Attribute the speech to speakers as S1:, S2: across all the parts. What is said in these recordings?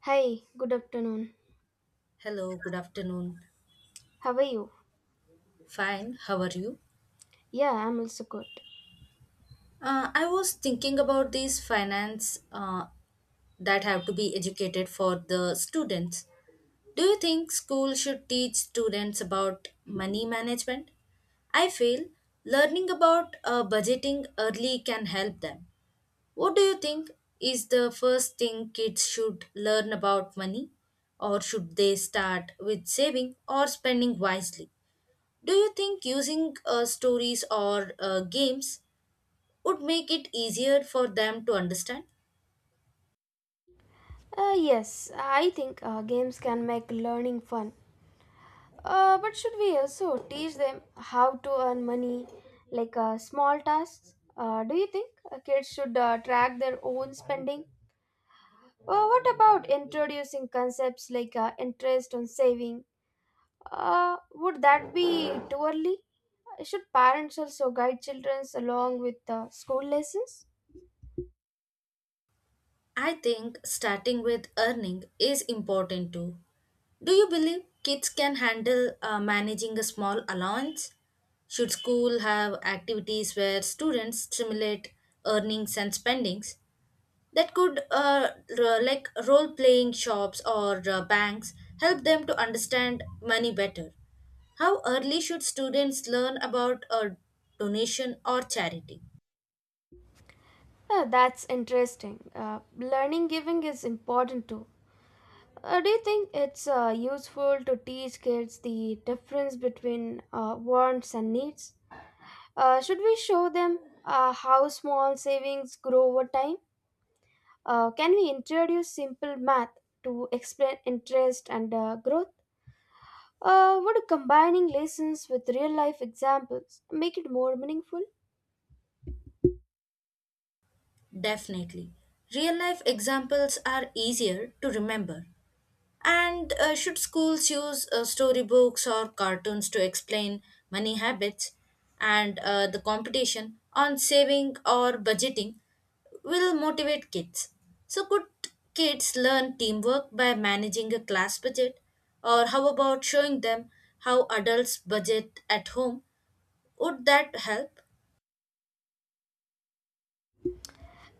S1: Hi, good afternoon.
S2: Hello, good afternoon.
S1: How are you?
S2: Fine, how are you?
S1: Yeah, I'm also good.
S2: I was thinking about these finance that have to be educated for the students. Do you think school should teach students about money management? I feel learning about budgeting early can help them. What do you think is the first thing kids should learn about money? Or should they start with saving or spending wisely? Do you think using stories or games would make it easier for them to understand?
S1: Yes, I think games can make learning fun. But should we also teach them how to earn money, like small tasks? Do you think kids should track their own spending? Well, what about introducing concepts like interest on saving? Would that be too early? Should parents also guide children along with school lessons?
S2: I think starting with earning is important too. Do you believe kids can handle managing a small allowance? Should school have activities where students simulate earnings and spendings? That could like role playing shops or banks help them to understand money better. How early should students learn about a donation or charity?
S1: That's interesting. Learning giving is important too. Do you think it's useful to teach kids the difference between wants and needs? Should we show them how small savings grow over time? Can we introduce simple math to explain interest and growth? Would combining lessons with real life examples make it more meaningful?
S2: Definitely, real life examples are easier to remember. And should schools use storybooks or cartoons to explain money habits, and the competition on saving or budgeting will motivate kids? So, could kids learn teamwork by managing a class budget? Or, how about showing them how adults budget at home? Would that help?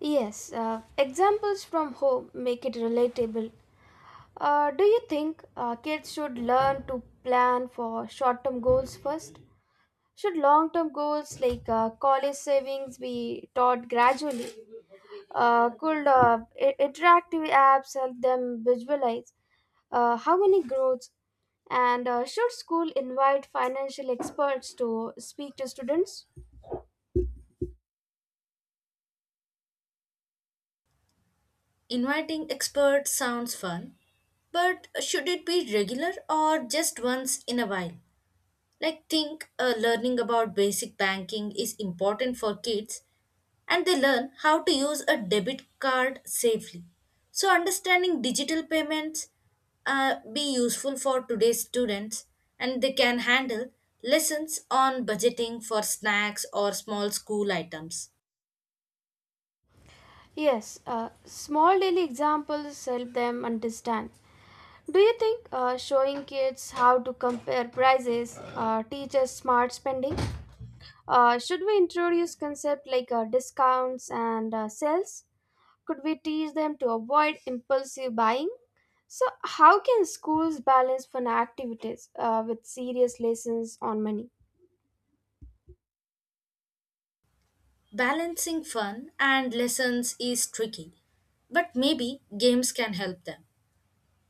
S1: Yes, examples from home make it relatable. Do you think kids should learn to plan for short term goals first? Should long term goals like college savings be taught gradually? Could interactive apps help them visualize how money grows? And should school invite financial experts to speak to students?
S2: Inviting experts sounds fun, but should it be regular or just once in a while? Like, think learning about basic banking is important for kids and they learn how to use a debit card safely. So, understanding digital payments be useful for today's students, and they can handle lessons on budgeting for snacks or small school items.
S1: Yes, small daily examples help them understand. Do you think showing kids how to compare prices teaches smart spending? Should we introduce concept like discounts and sales? Could we teach them to avoid impulsive buying? So, how can schools balance fun activities with serious lessons on money?
S2: Balancing fun and lessons is tricky, but maybe games can help them.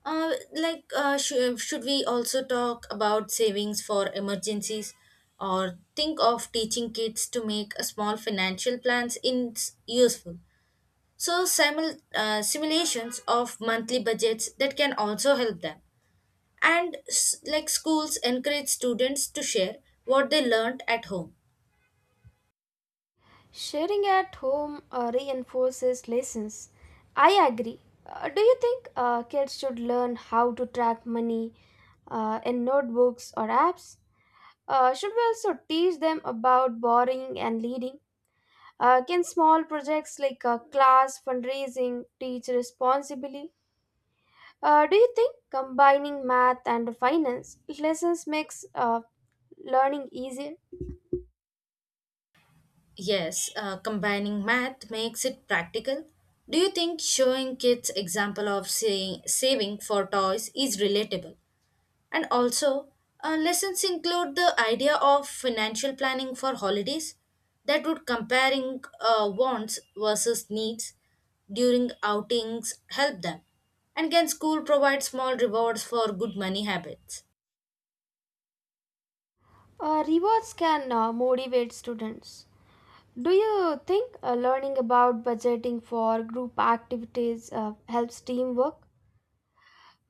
S2: Should we also talk about savings for emergencies, or think of teaching kids to make a small financial plans in useful? So, simulations of monthly budgets that can also help them. And like schools encourage students to share what they learned at home.
S1: Sharing at home reinforces lessons. I agree. Do you think kids should learn how to track money in notebooks or apps? Should we also teach them about borrowing and leading? Can small projects like class fundraising teach responsibly? Do you think combining math and finance lessons makes learning easier?
S2: Yes, combining math makes it practical. Do you think showing kids example of saying, saving for toys is relatable? And also, lessons include the idea of financial planning for holidays, that would comparing wants versus needs during outings help them. And can school provide small rewards for good money habits?
S1: Rewards can motivate students. Do you think learning about budgeting for group activities helps teamwork?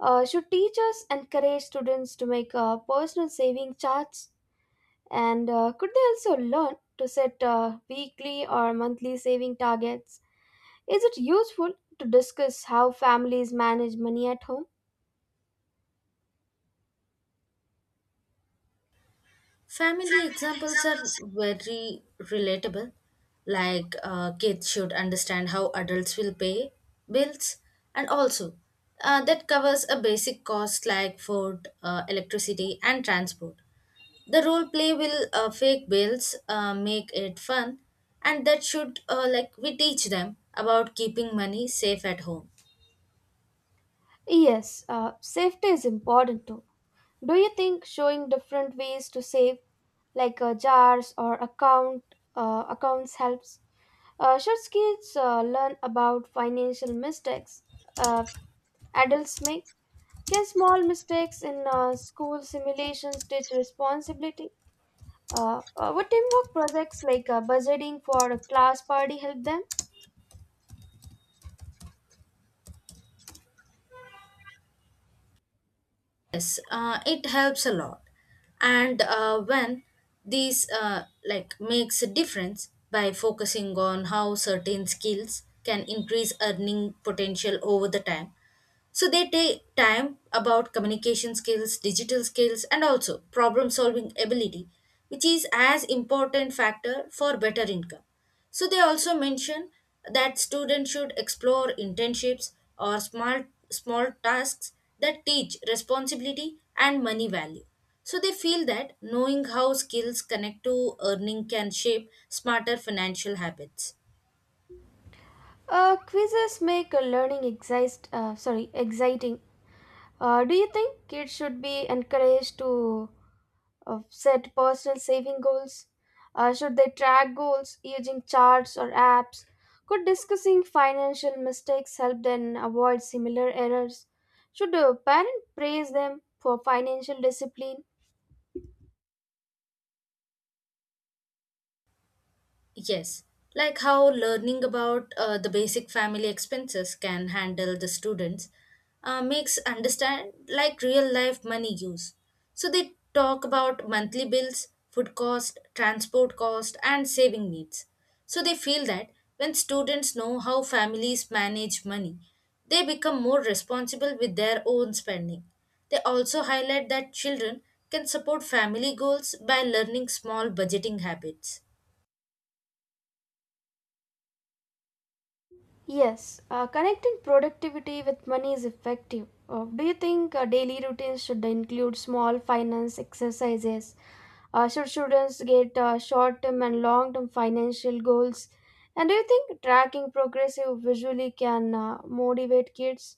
S1: Should teachers encourage students to make personal saving charts? And could they also learn to set weekly or monthly saving targets? Is it useful to discuss how families manage money at home?
S2: Family examples are very relatable. Like kids should understand how adults will pay bills, and also that covers a basic cost like food, electricity, and transport. The role play will fake bills make it fun, and that should like we teach them about keeping money safe at home.
S1: Yes, safety is important too. Do you think showing different ways to save, like jars or accounts, helps? Should kids learn about financial mistakes uh, adults make? Can small mistakes in school simulations teach responsibility? What teamwork projects like budgeting for a class party help them?
S2: Yes, it helps a lot. And when these like makes a difference by focusing on how certain skills can increase earning potential over the time. So they take time about communication skills, digital skills, and also problem solving ability, which is as important factor for better income. So they also mention that students should explore internships or small tasks that teach responsibility and money value. So they feel that knowing how skills connect to earning can shape smarter financial habits.
S1: Quizzes make learning exciting. Do you think kids should be encouraged to set personal saving goals? Should they track goals using charts or apps? Could discussing financial mistakes help them avoid similar errors? Should a parent praise them for financial discipline?
S2: Yes, like how learning about the basic family expenses can handle the students makes understand like real life money use. So they talk about monthly bills, food cost, transport cost, and saving needs. So they feel that when students know how families manage money, they become more responsible with their own spending. They also highlight that children can support family goals by learning small budgeting habits.
S1: Yes, connecting productivity with money is effective. Do you think daily routines should include small finance exercises? Should students get short term and long term financial goals? And do you think tracking progressive visually can motivate kids?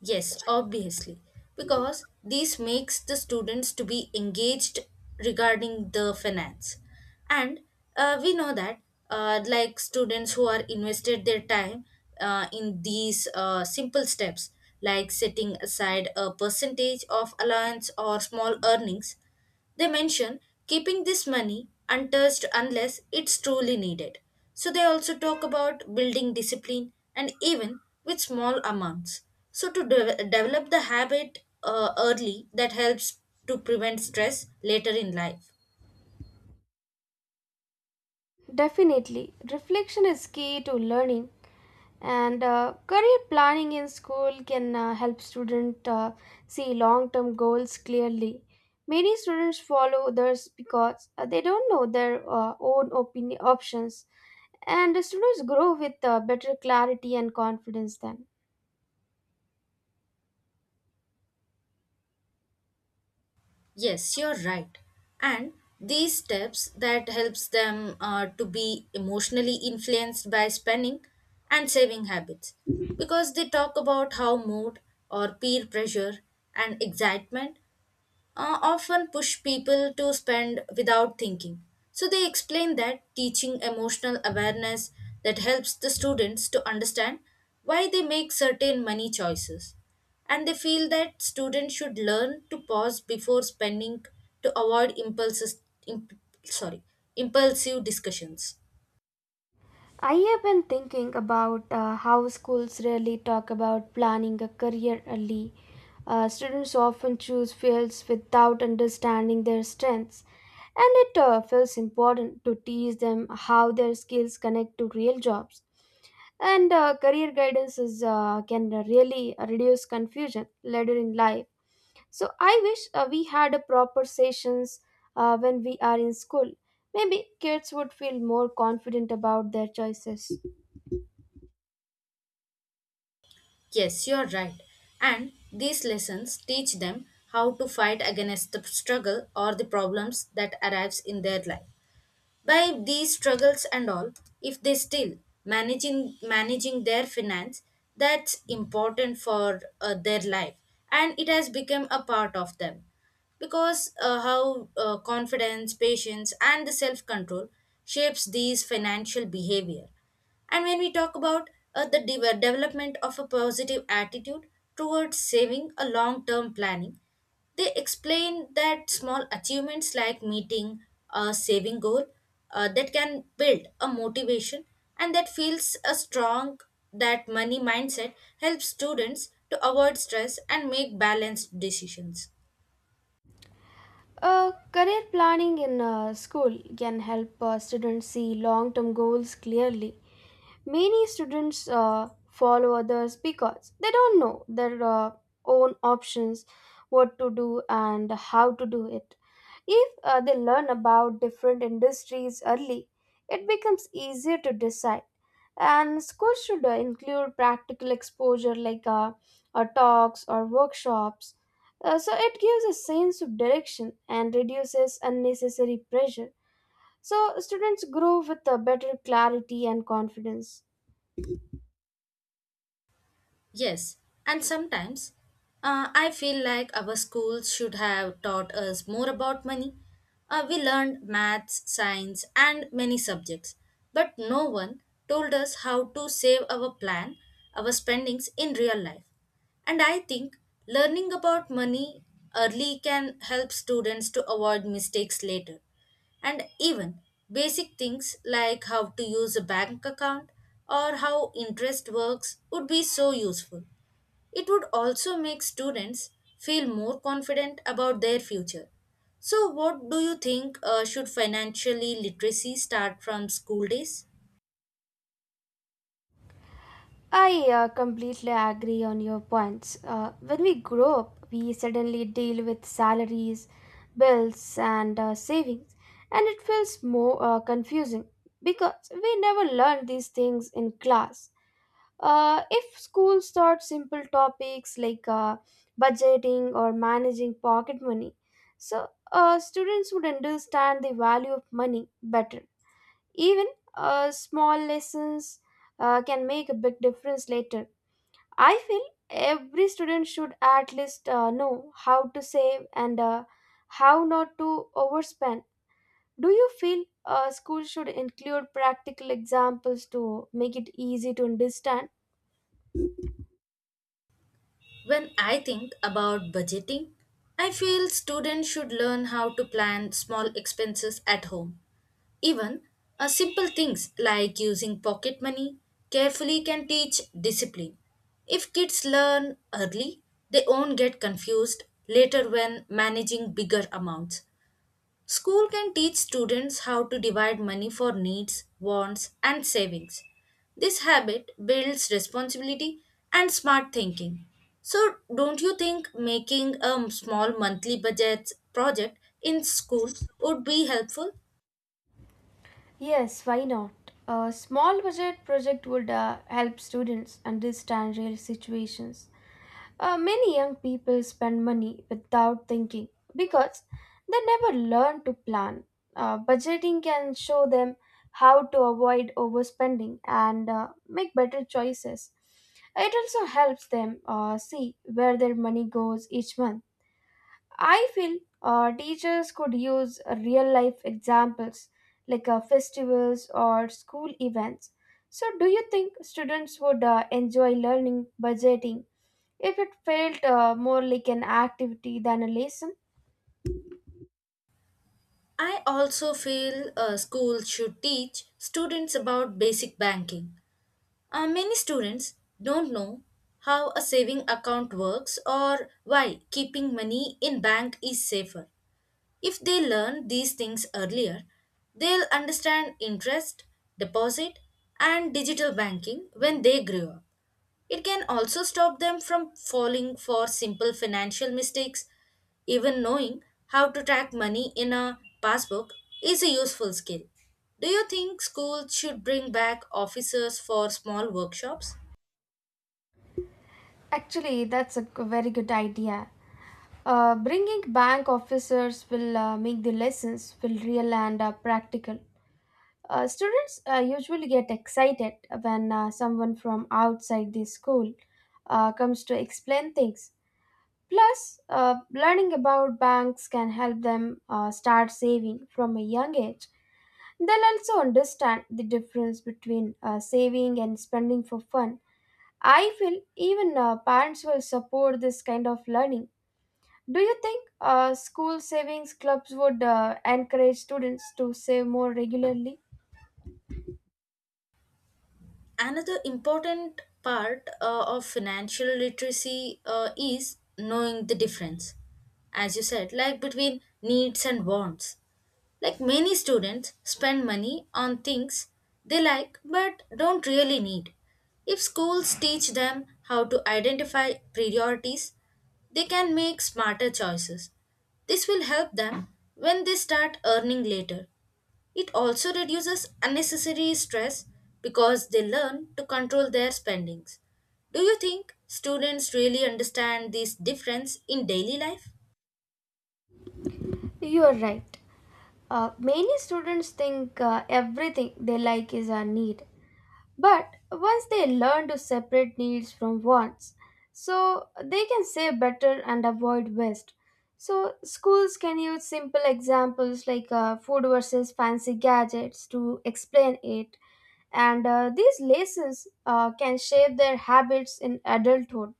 S2: Yes, obviously, because this makes the students to be engaged regarding the finance, and we know that like students who are invested their time in these simple steps, like setting aside a percentage of allowance or small earnings, they mention keeping this money untouched unless it's truly needed. So they also talk about building discipline and even with small amounts. So to develop the habit early that helps to prevent stress later in life.
S1: Definitely, reflection is key to learning, and career planning in school can help students see long term goals clearly. Many students follow others because they don't know their own opinion options, and the students grow with better clarity and confidence then.
S2: Yes, you're right. And these steps that helps them to be emotionally influenced by spending and saving habits, because they talk about how mood or peer pressure and excitement often push people to spend without thinking. So they explain that teaching emotional awareness that helps the students to understand why they make certain money choices. And they feel that students should learn to pause before spending to avoid impulses, imp, sorry, impulsive discussions.
S1: I have been thinking about how schools rarely talk about planning a career early. Students often choose fields without understanding their strengths, and it feels important to teach them how their skills connect to real jobs. And career guidance can really reduce confusion later in life. So I wish we had a proper sessions when we are in school. Maybe kids would feel more confident about their choices.
S2: Yes, you're right. And these lessons teach them how to fight against the struggle or the problems that arrives in their life. By these struggles and all, if they still managing their finance, that's important for their life, and it has become a part of them, because how confidence, patience, and the self control shapes these financial behavior. And when we talk about the development of a positive attitude towards saving a long term planning, they explain that small achievements like meeting a saving goal that can build a motivation, and that feels a strong that money mindset helps students to avoid stress and make balanced decisions.
S1: Career planning in school can help students see long term goals clearly. Many students follow others because they don't know their own options, what to do, and how to do it. If they learn about different industries early, it becomes easier to decide. And schools should include practical exposure like talks or workshops. So it gives a sense of direction and reduces unnecessary pressure. So students grow with a better clarity and confidence.
S2: Yes, and sometimes I feel like our schools should have taught us more about money. We learned maths, science, and many subjects, but no one told us how to save our plan, our spendings in real life. And I think learning about money early can help students to avoid mistakes later, and even basic things like how to use a bank account or how interest works would be so useful. It would also make students feel more confident about their future. So, what do you think, should financially literacy start from school days?
S1: I completely agree on your points. When we grow up, we suddenly deal with salaries, bills, and savings, and it feels more confusing because we never learn these things in class. If schools taught simple topics like budgeting or managing pocket money, so students would understand the value of money better. Even small lessons can make a big difference later. I feel every student should at least know how to save and how not to overspend. Do you feel school should include practical examples to make it easy to understand?
S2: When I think about budgeting, I feel students should learn how to plan small expenses at home. Even simple things like using pocket money carefully can teach discipline. If kids learn early, they won't get confused later when managing bigger amounts. School can teach students how to divide money for needs, wants, and savings. This habit builds responsibility and smart thinking. So, don't you think making a small monthly budget project in school would be helpful?
S1: Yes, why not? A small budget project would help students understand real situations. Many young people spend money without thinking because they never learn to plan. Budgeting can show them how to avoid overspending and make better choices. It also helps them see where their money goes each month. I feel teachers could use real life examples like festivals or school events. So, do you think students would enjoy learning budgeting if it felt more like an activity than a lesson?
S2: I also feel schools should teach students about basic banking. Many students don't know how a saving account works or why keeping money in bank is safer. If they learn these things earlier, they'll understand interest, deposit, and digital banking when they grow up. It can also stop them from falling for simple financial mistakes. Even knowing how to track money in a passbook is a useful skill. Do you think schools should bring back officers for small workshops?
S1: Actually, that's a very good idea. Bringing bank officers will make the lessons feel real and practical. Students usually get excited when someone from outside the school comes to explain things. Plus, learning about banks can help them start saving from a young age. They'll also understand the difference between saving and spending for fun. I feel even parents will support this kind of learning. Do you think school savings clubs would encourage students to save more regularly?
S2: Another important part of financial literacy is knowing the difference, as you said, like between needs and wants. Like many students spend money on things they like but don't really need. If schools teach them how to identify priorities, they can make smarter choices. This will help them when they start earning later. It also reduces unnecessary stress because they learn to control their spendings. Do you think students really understand this difference in daily life?
S1: You're right. Many students think everything they like is a need, but once they learn to separate needs from wants, so they can save better and avoid waste. So schools can use simple examples like food versus fancy gadgets to explain it, and these lessons can shape their habits in adulthood.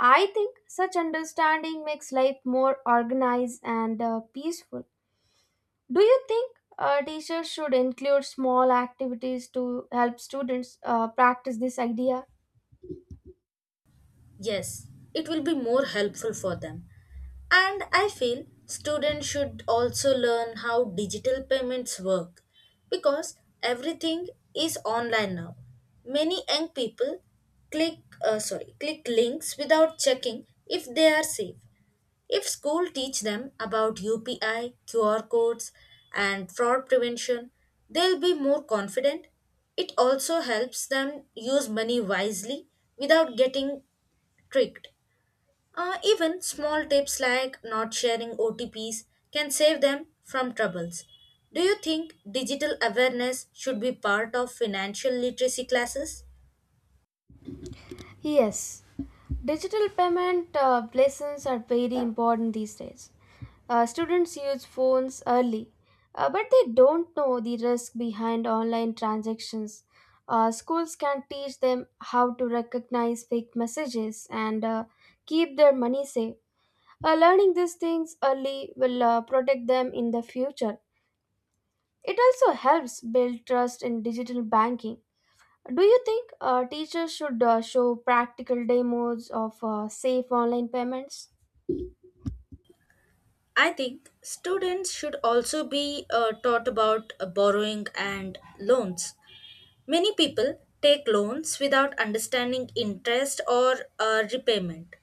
S1: I think such understanding makes life more organized and peaceful. Do you think teachers should include small activities to help students practice this idea?
S2: Yes, it will be more helpful for them. And I feel students should also learn how digital payments work, because everything is online now. Many young people click sorry, click links without checking if they are safe. If school teach them about UPI, QR codes and fraud prevention, they'll be more confident. It also helps them use money wisely without getting tricked. Even small tips like not sharing OTPs can save them from troubles. Do you think digital awareness should be part of financial literacy classes?
S1: Yes, digital payment lessons are very important these days. Students use phones early, but they don't know the risk behind online transactions. Schools can teach them how to recognize fake messages and keep their money safe. Learning these things early will protect them in the future. It also helps build trust in digital banking. Do you think teachers should show practical demos of safe online payments?
S2: I think students should also be taught about borrowing and loans. Many people take loans without understanding interest or repayment.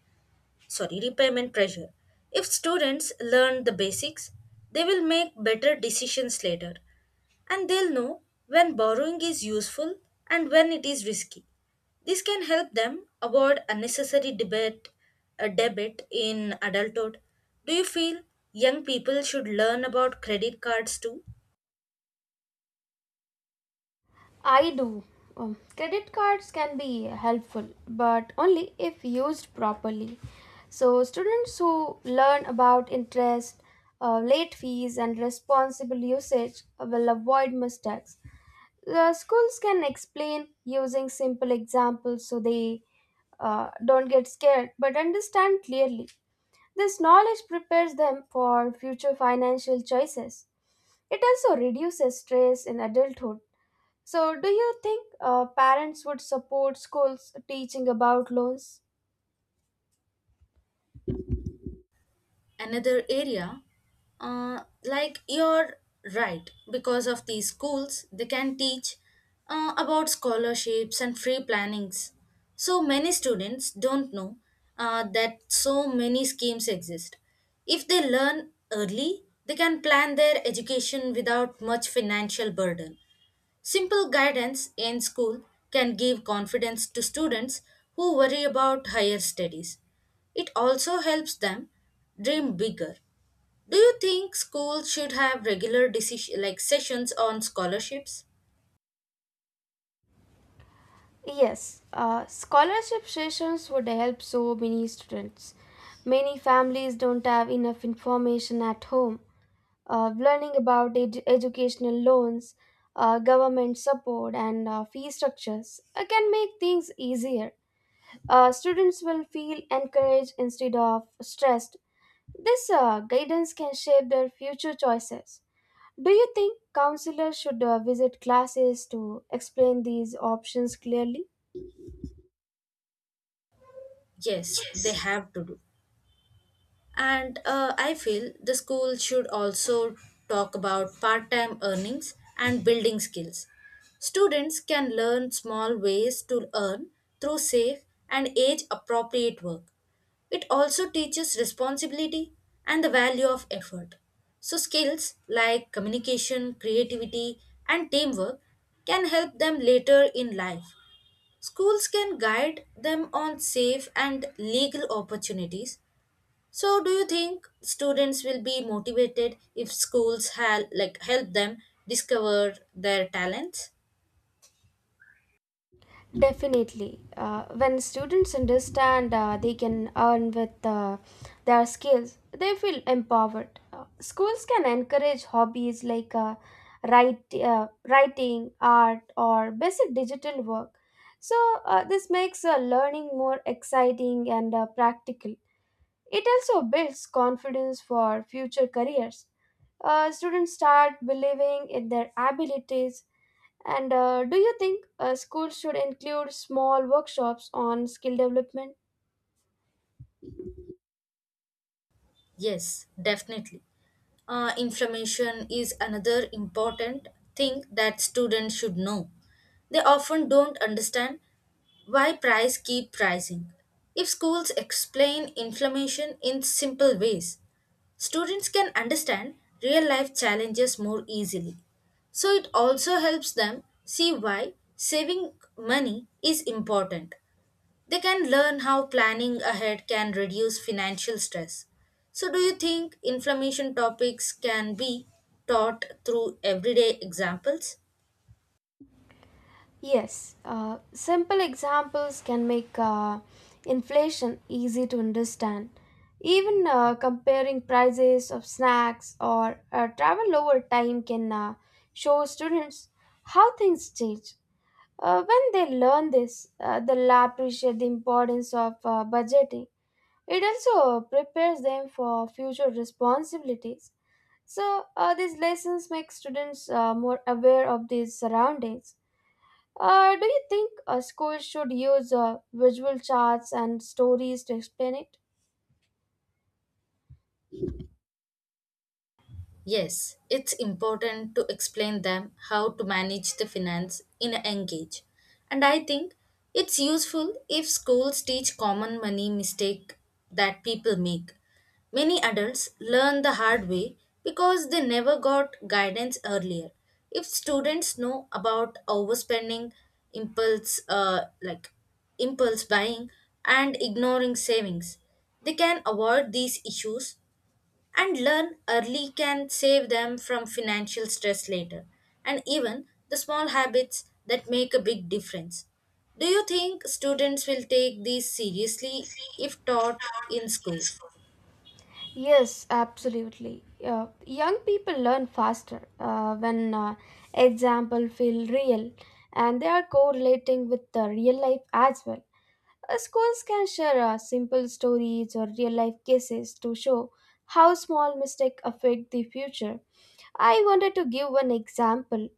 S2: Sorry, repayment pressure. If students learn the basics, they will make better decisions later, and they'll know when borrowing is useful and when it is risky. This can help them avoid unnecessary debit in adulthood. Do you feel young people should learn about credit cards too?
S1: I do. Credit cards can be helpful, but only if used properly. So, students who learn about interest, late fees, and responsible usage will avoid mistakes. The schools can explain using simple examples so they don't get scared but understand clearly. This knowledge prepares them for future financial choices. It also reduces stress in adulthood. So, do you think parents would support schools teaching about loans?
S2: Another area like you're right, because of these schools they can teach about scholarships and free plannings. So many students don't know that so many schemes exist. If they learn early, they can plan their education without much financial burden. Simple guidance in school can give confidence to students who worry about higher studies. It also helps them dream bigger. Do you think schools should have regular decision like sessions on scholarships?
S1: Yes, scholarship sessions would help so many students. Many families don't have enough information at home. Learning about educational loans, government support, and fee structures can make things easier. Students will feel encouraged instead of stressed. This guidance can shape their future choices. Do you think counselors should visit classes to explain these options clearly?
S2: Yes, they have to do. And I feel the school should also talk about part-time earnings and building skills. Students can learn small ways to earn through safe and age-appropriate work. It also teaches responsibility and the value of effort. So, skills like communication, creativity, and teamwork can help them later in life. Schools can guide them on safe and legal opportunities. So, do you think students will be motivated if like help them discover their talents?
S1: Definitely. When students understand they can earn with their skills, they feel empowered. Schools can encourage hobbies like writing, art, or basic digital work. So, this makes learning more exciting and practical. It also builds confidence for future careers. Students start believing in their abilities and do you think schools should include small workshops on skill development?
S2: Yes, definitely. Information is another important thing that students should know. They often don't understand why price keep rising. If schools explain inflammation in simple ways, students can understand real life challenges more easily. So it also helps them see why saving money is important. They can learn how planning ahead can reduce financial stress. So, do you think inflammation topics can be taught through everyday examples?
S1: Yes, simple examples can make inflation easy to understand. Even comparing prices of snacks or travel over time can show students how things change. When they learn this, they'll appreciate the importance of budgeting. It also prepares them for future responsibilities. So, these lessons make students more aware of their surroundings. Do you think schools should use visual charts and stories to explain it?
S2: Yes, it's important to explain them how to manage the finance in a young age. And I think it's useful if schools teach common money mistake that people make. Many adults learn the hard way because they never got guidance earlier. If students know about overspending, impulse like impulse buying and ignoring savings, they can avoid these issues, and learn early can save them from financial stress later, and even the small habits that make a big difference. Do you think students will take these seriously
S1: See,
S2: if
S1: if
S2: taught
S1: not
S2: in
S1: in
S2: school?
S1: school. Yes, absolutely. Young people learn faster when example feel real and they are correlating with the real life as well. Schools can share simple stories or real life cases to show how small mistakes affect the future. I wanted to give one example.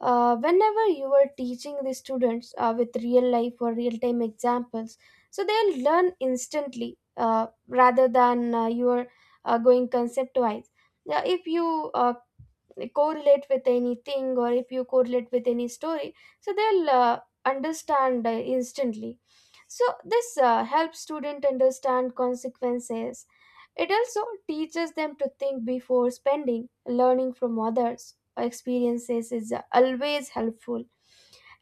S1: Whenever you are teaching the students with real life or real time examples, so they'll learn instantly rather than you going concept wise. Yeah, if you correlate with anything or if you correlate with any story, so they'll understand instantly. So this helps student understand consequences. It also teaches them to think before spending. Learning from others experiences is always helpful.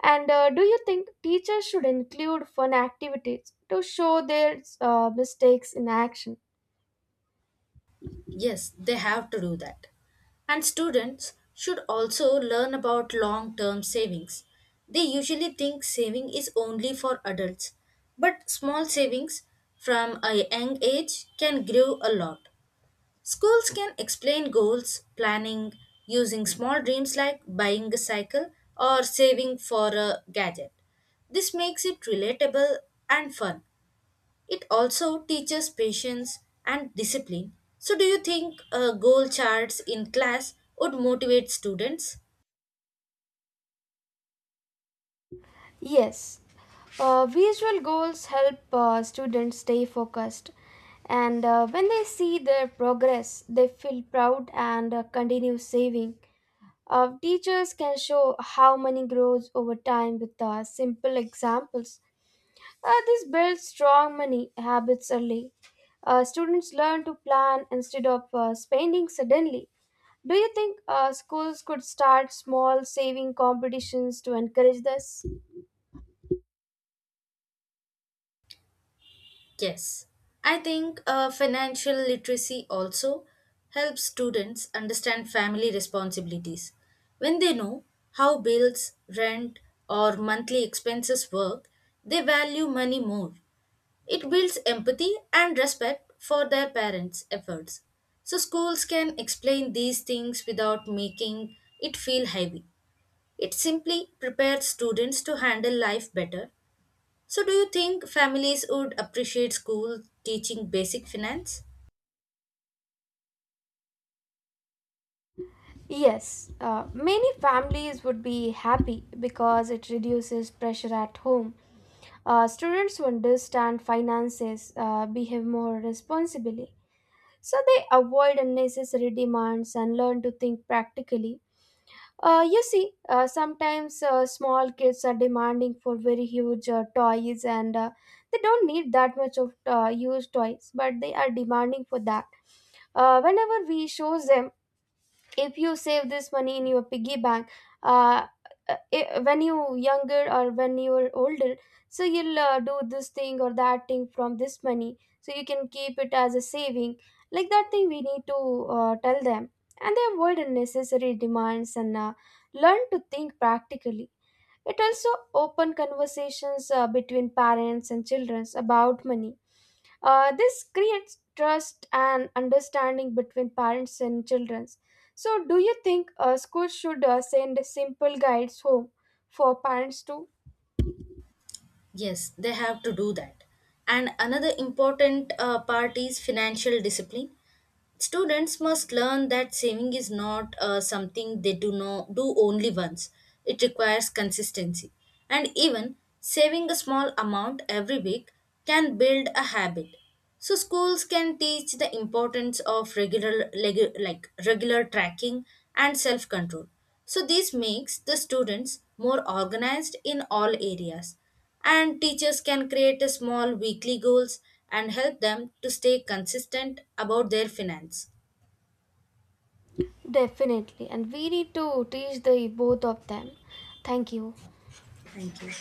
S1: And do you think teachers should include fun activities to show their mistakes in action?
S2: Yes, they have to do that. And students should also learn about long term savings. They usually think saving is only for adults, but small savings from a young age can grow a lot. Schools can explain goals, planning, using small dreams like buying a cycle or saving for a gadget. This makes it relatable and fun. It also teaches patience and discipline. So, do you think goal charts in class would motivate students?
S1: Yes. Visual goals help students stay focused, and when they see their progress, they feel proud and continue saving. Teachers can show how money grows over time with simple examples. This builds strong money habits early. Students learn to plan instead of spending suddenly. Do you think schools could start small saving competitions to encourage this?
S2: Yes, I think financial literacy also helps students understand family responsibilities. When they know how bills, rent, or monthly expenses work, they value money more. It builds empathy and respect for their parents' efforts. So, schools can explain these things without making it feel heavy. It simply prepares students to handle life better. So, do you think families would appreciate school teaching basic finance?
S1: Yes, many families would be happy because it reduces pressure at home. Students who understand finances behave more responsibly, so they avoid unnecessary demands and learn to think practically. You see, sometimes small kids are demanding for very huge toys, and they don't need that much of used toys, but they are demanding for that. Whenever we show them, if you save this money in your piggy bank, uh, when you younger or when you're older, so you'll do this thing or that thing from this money so you can keep it as a saving, like that thing we need to tell them. And they avoid unnecessary demands and learn to think practically. It also open conversations between parents and children about money. This creates trust and understanding between parents and children. So, do you think schools should send simple guides home for parents too?
S2: Yes, they have to do that. And another important part is financial discipline. Students must learn that saving is not something they do not do only once. It requires consistency. And even saving a small amount every week can build a habit. So schools can teach the importance of like regular tracking and self-control. So this makes the students more organized in all areas, and teachers can create a small weekly goals and help them to stay consistent about their finance.
S1: Definitely, and we need to teach the both of them. Thank you.
S2: Thank you.